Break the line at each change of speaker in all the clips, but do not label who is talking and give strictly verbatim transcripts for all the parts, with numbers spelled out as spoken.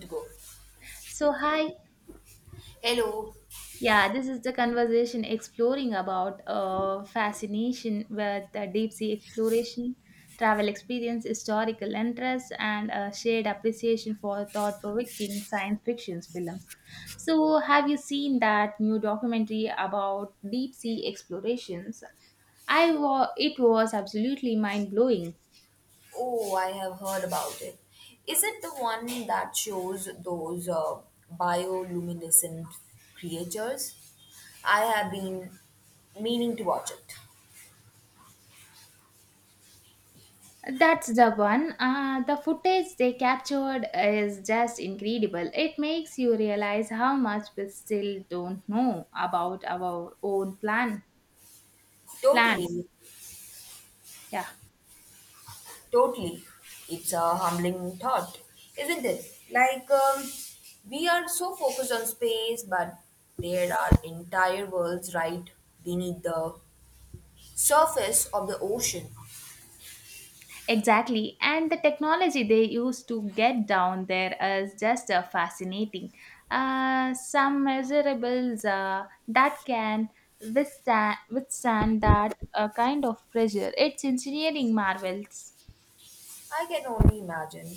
To go.
So hi,
Hello.
yeah, this is the conversation exploring about uh, fascination with uh, deep sea exploration, travel experience, historical interest, and a shared appreciation for thought-provoking science fiction films. So, have you seen that new documentary about deep sea explorations? I wa- it was absolutely mind blowing.
Oh, I have heard about it. Is it the one that shows those uh, bioluminescent creatures? I have been meaning to watch it.
That's the one. Uh, the footage they captured is just incredible. It makes you realize how much we still don't know about our own plan. Plan.
Totally,
Yeah,
totally. It's a humbling thought, isn't it? Like, um, we are so focused on space, but there are entire worlds right beneath the surface of the ocean.
exactly. And the technology they used to get down there is just uh, fascinating. Uh, some measurables uh, that can withstand, withstand that uh, kind of pressure. It's engineering marvels.
I can only imagine.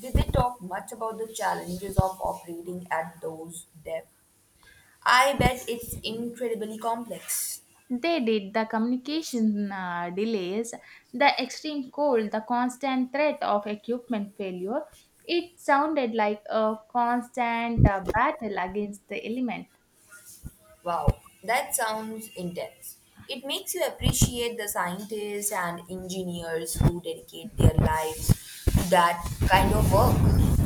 Did they talk much about the challenges of operating at those depths? I bet it's incredibly complex.
They did. The communication uh, delays, the extreme cold, the constant threat of equipment failure. It sounded like a constant uh, battle against the element.
Wow, that sounds intense. It makes you appreciate the scientists and engineers who dedicate their lives to that kind of work.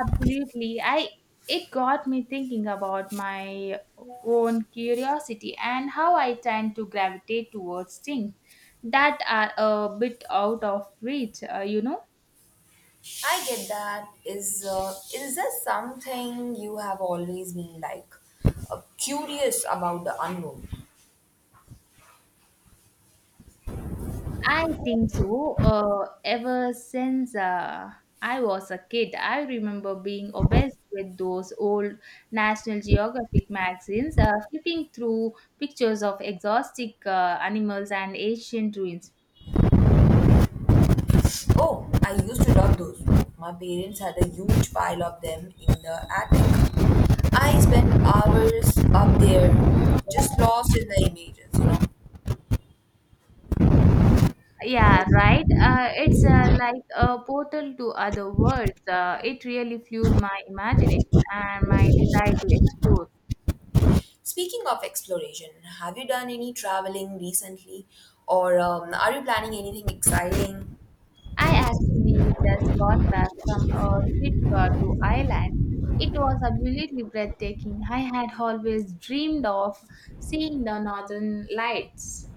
Absolutely. I It got me thinking about my own curiosity and how I tend to gravitate towards things that are a bit out of reach, uh, you know.
I get that. Is uh, is there something you have always been like uh, curious about the unknown?
I think so. Uh, ever since uh, I was a kid, I remember being obsessed with those old National Geographic magazines, uh, flipping through pictures of exotic uh, animals and ancient ruins.
Oh, I used to love those. My parents had a huge pile of them in the attic. I spent hours up there, just lost in the images, you know.
Yeah, right. Uh, it's uh, like a portal to other worlds. Uh, it really fueled my imagination and my desire to explore.
Speaking of exploration, have you done any traveling recently? Or um, are you planning anything exciting?
I actually just got back from a trip uh, to Ireland. It was absolutely breathtaking. I had always dreamed of seeing the northern lights.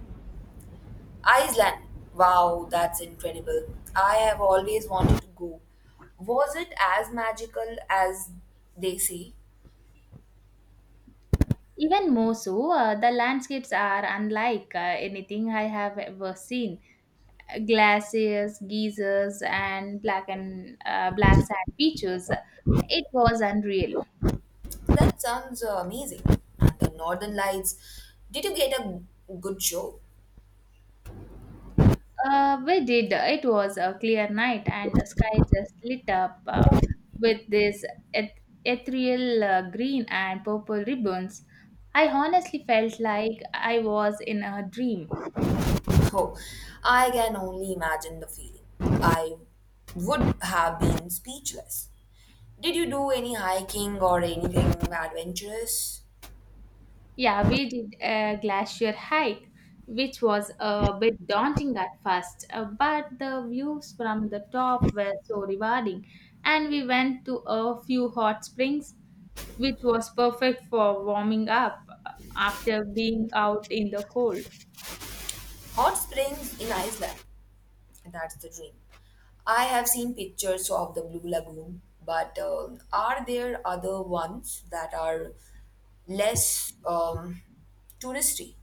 Iceland. Wow, that's incredible. I have always wanted to go. Was it as magical as they say?
Even more so, uh, the landscapes are unlike uh, anything I have ever seen. Glaciers, geysers, and black and uh, black sand beaches. It was unreal.
That sounds uh, amazing. And the Northern Lights, did you get a good show?
Uh, we did. It was a clear night, and the sky just lit up uh, with this eth- ethereal uh, green and purple ribbons. I honestly felt like I was in a dream.
Oh, I can only imagine the feeling. I would have been speechless. Did you do any hiking or anything adventurous?
Yeah, we did a glacier hike, which was a bit daunting at first, uh, but the views from the top were so rewarding. And we went to a few hot springs, which was perfect for warming up uh, after being out in the cold.
Hot springs in Iceland. That's the dream. I have seen pictures of the Blue Lagoon, but uh, are there other ones that are less um, touristy?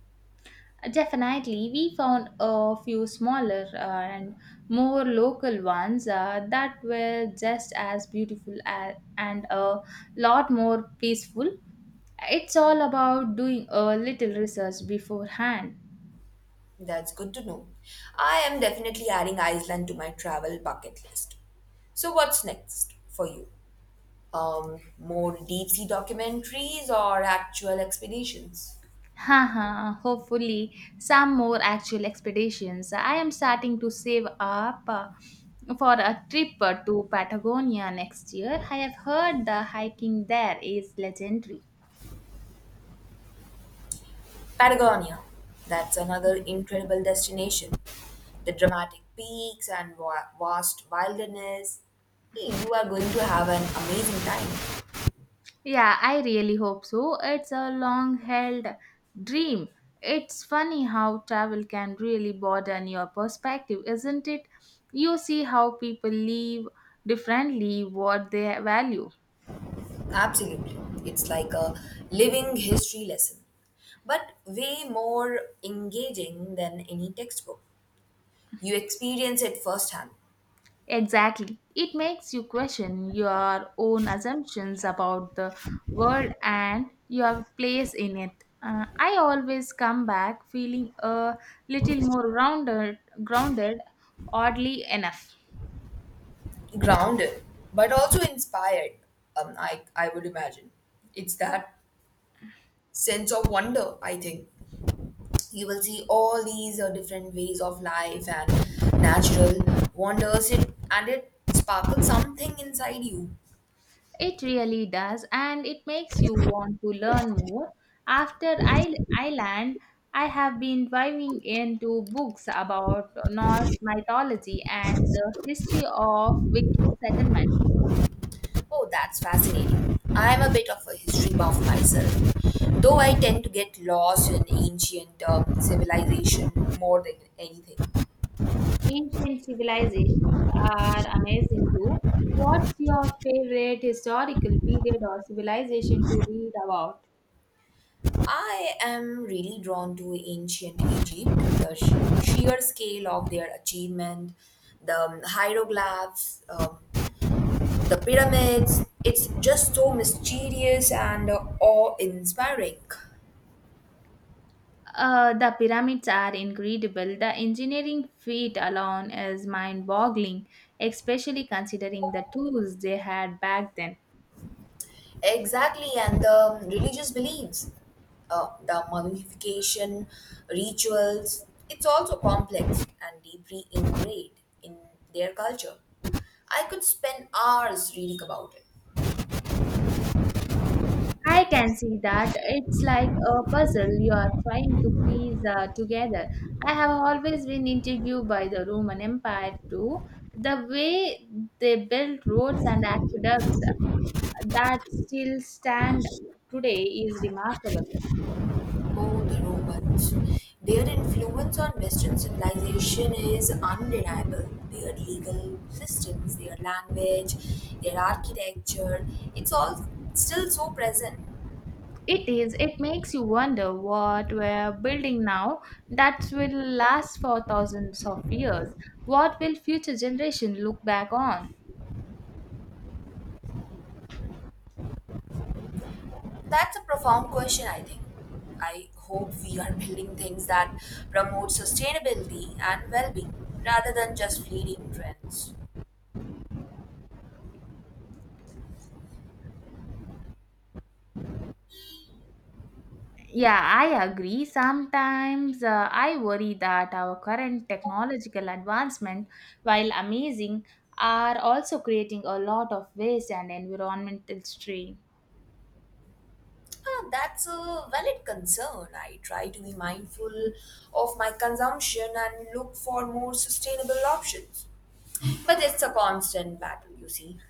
Definitely, we found a few smaller uh, and more local ones uh, that were just as beautiful as, and a lot more peaceful. It's all about doing a little research beforehand.
That's good to know. I am definitely adding Iceland to my travel bucket list. So, what's next for you? Um, more deep sea documentaries or actual expeditions?
Haha, hopefully, some more actual expeditions. I am starting to save up uh, for a trip uh, to Patagonia next year. I have heard the hiking there is legendary.
Patagonia. That's another incredible destination. The dramatic peaks and wa- vast wilderness. Hey, you are going to have an amazing time.
Yeah, I really hope so. It's a long held dream. It's funny how travel can really broaden your perspective, isn't it? You see how people live differently, what they value.
Absolutely. It's like a living history lesson, but way more engaging than any textbook. You experience it firsthand.
Exactly. It makes you question your own assumptions about the world and your place in it. Uh, I always come back feeling a little more rounded, grounded, oddly enough.
Grounded but also inspired. Um, I, I would imagine it's that sense of wonder. I think you will see all these uh, different ways of life and natural wonders, it, and it sparkles something inside you.
It really does, and it makes you want to learn more. After I Ireland, I have been diving into books about Norse mythology and the history of Viking settlements.
Oh, that's fascinating. I'm a bit of a history buff myself, though I tend to get lost in ancient um, civilization more than anything.
Ancient civilizations are amazing too. What's your favorite historical period or civilization to read about?
I am really drawn to ancient Egypt, the sh- sheer scale of their achievement, the um, hieroglyphs, um, the pyramids. It's just so mysterious and uh, awe inspiring.
Uh, the pyramids are incredible. The engineering feat alone is mind boggling, especially considering the tools they had back then.
Exactly, and the um, religious beliefs, uh, the mummification rituals, it's also complex and deeply ingrained in their culture. I could spend hours reading about it.
I can see that it's like a puzzle you are trying to piece uh, together. I have always been intrigued by the Roman Empire too. The way they built roads and aqueducts that still stand today is remarkable.
Oh, the Romans. Their influence on Western civilization is undeniable. Their legal systems, their language, their architecture, it's all still so present.
It is. It makes you wonder what we're building now that will last for thousands of years. What will future generation look back on?
That's a profound question, I think. I hope we are building things that promote sustainability and well being rather than just fleeting trends.
Yeah, I agree. Sometimes uh, I worry that our current technological advancement, while amazing, are also creating a lot of waste and environmental strain.
Ah, that's a valid concern. I try to be mindful of my consumption and look for more sustainable options. But it's a constant battle, you see.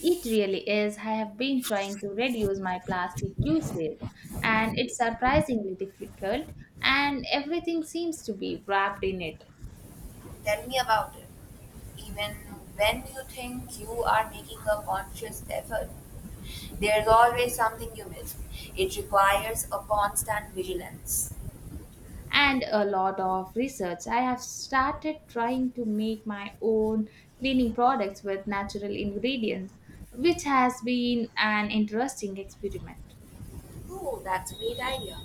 It really is. I have been trying to reduce my plastic usage, and it's surprisingly difficult, and everything seems to be wrapped in it.
Tell me about it. Even when you think you are making a conscious effort, there's always something you miss. It requires a constant vigilance.
And a lot of research. I have started trying to make my own cleaning products with natural ingredients, which has been an interesting experiment.
Oh, that's a great idea.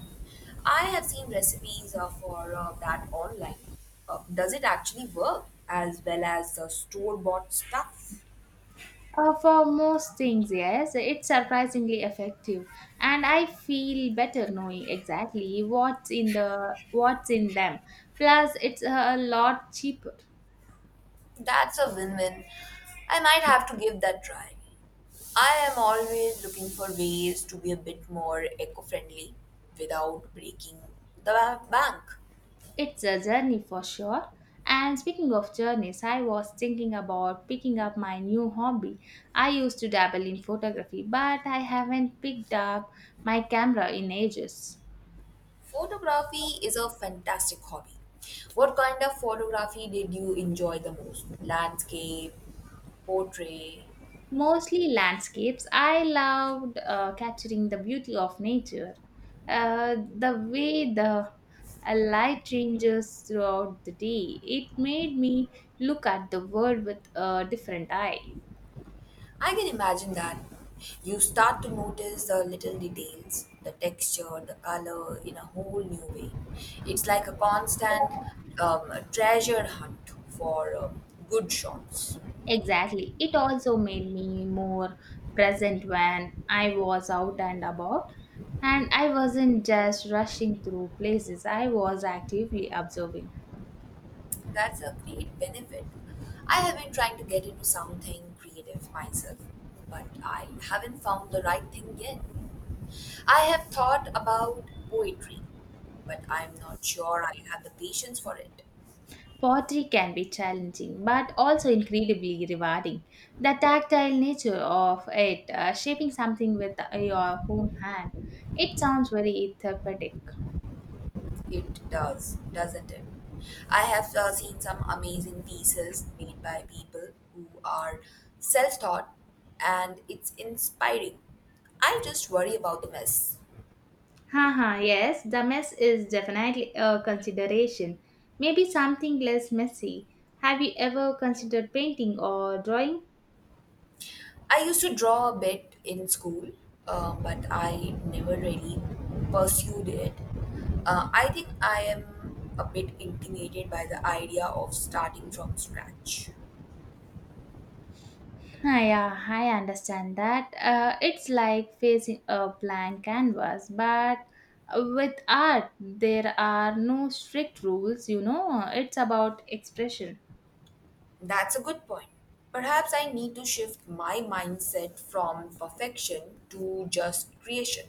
I have seen recipes uh, for uh, that online. Uh, does it actually work as well as the store bought stuff?
Uh, for most things, yes, it's surprisingly effective, and I feel better knowing exactly what's in the what's in them. Plus, it's a lot cheaper.
That's a win win. I might have to give that try. I am always looking for ways to be a bit more eco friendly without breaking the ba- bank.
It's a journey for sure. And speaking of journeys, I was thinking about picking up my new hobby. I used to dabble in photography, but I haven't picked up my camera in ages.
Photography is a fantastic hobby. What kind of photography did you enjoy the most? Landscape, portrait,
Mostly landscapes. I loved uh, capturing the beauty of nature, uh, the way the uh, light changes throughout the day. It made me look at the world with a different eye.
I can imagine that. You start to notice the little details, the texture, the color in a whole new way. It's like a constant um, treasure hunt for um, good shots.
Exactly. It also made me more present when I was out and about. And I wasn't just rushing through places, I was actively observing.
That's a great benefit. I have been trying to get into something creative myself, but I haven't found the right thing yet. I have thought about poetry, but I'm not sure I have the patience for it.
Pottery can be challenging, but also incredibly rewarding. The tactile nature of it, uh, shaping something with your own hand, it sounds very therapeutic.
It does, doesn't it? I have uh, seen some amazing pieces made by people who are self taught, and it's inspiring. I just worry about the mess.
Haha, yes, the mess is definitely a consideration. Maybe something less messy. Have you ever considered painting or drawing?
I used to draw a bit in school, uh, but I never really pursued it. Uh, I think I am a bit intimidated by the idea of starting from scratch.
Ah, yeah, I understand that. Uh, it's like facing a blank canvas, but with art, there are no strict rules, you know, it's about expression.
That's a good point. Perhaps I need to shift my mindset from perfection to just creation.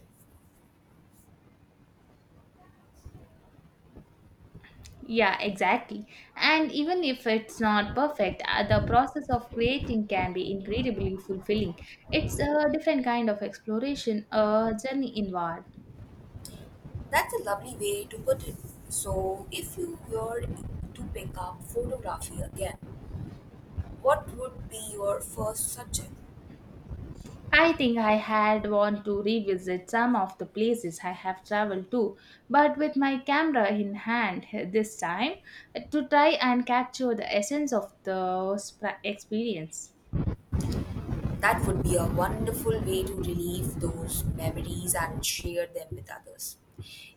Yeah, exactly. And even if it's not perfect, uh, the process of creating can be incredibly fulfilling. It's a different kind of exploration, a journey inward.
That's a lovely way to put it. So, if you were to pick up photography again, what would be your first subject?
I think I had want to revisit some of the places I have traveled to, but with my camera in hand this time to try and capture the essence of the sp- experience.
That would be a wonderful way to relieve those memories and share them with others.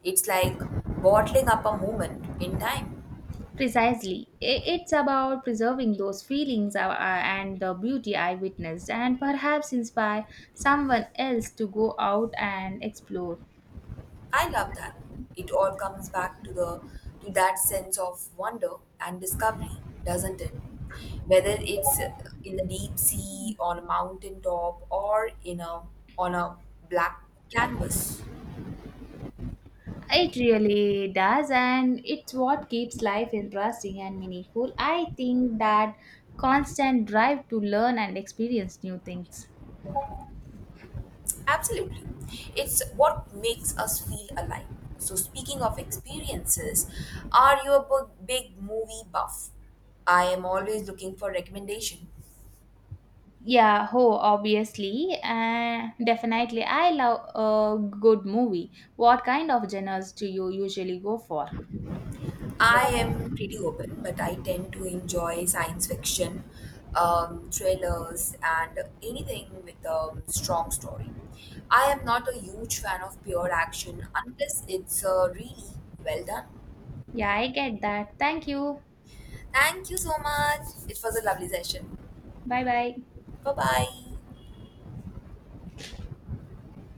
It's like bottling up a moment in time.
Precisely, I- it's about preserving those feelings uh, uh, and the beauty I witnessed, and perhaps inspire someone else to go out and explore.
I love that. It all comes back to the to that sense of wonder and discovery, doesn't it? Whether it's uh, in the deep sea, on a mountain top, or in a on a black canvas.
It really does, and it's what keeps life interesting and meaningful. I think that constant drive to learn and experience new things.
Absolutely. It's what makes us feel alive. So speaking of experiences, are you a bu- big movie buff? I am always looking for recommendation.
Yeah, oh, obviously, uh, definitely. I love a good movie. What kind of genres do you usually go for?
I am pretty open, but I tend to enjoy science fiction, um, thrillers, and anything with a strong story. I am not a huge fan of pure action unless it's uh, really well done.
Yeah, I get that. Thank you.
Thank you so much. It was a lovely session.
Bye bye.
Bye bye.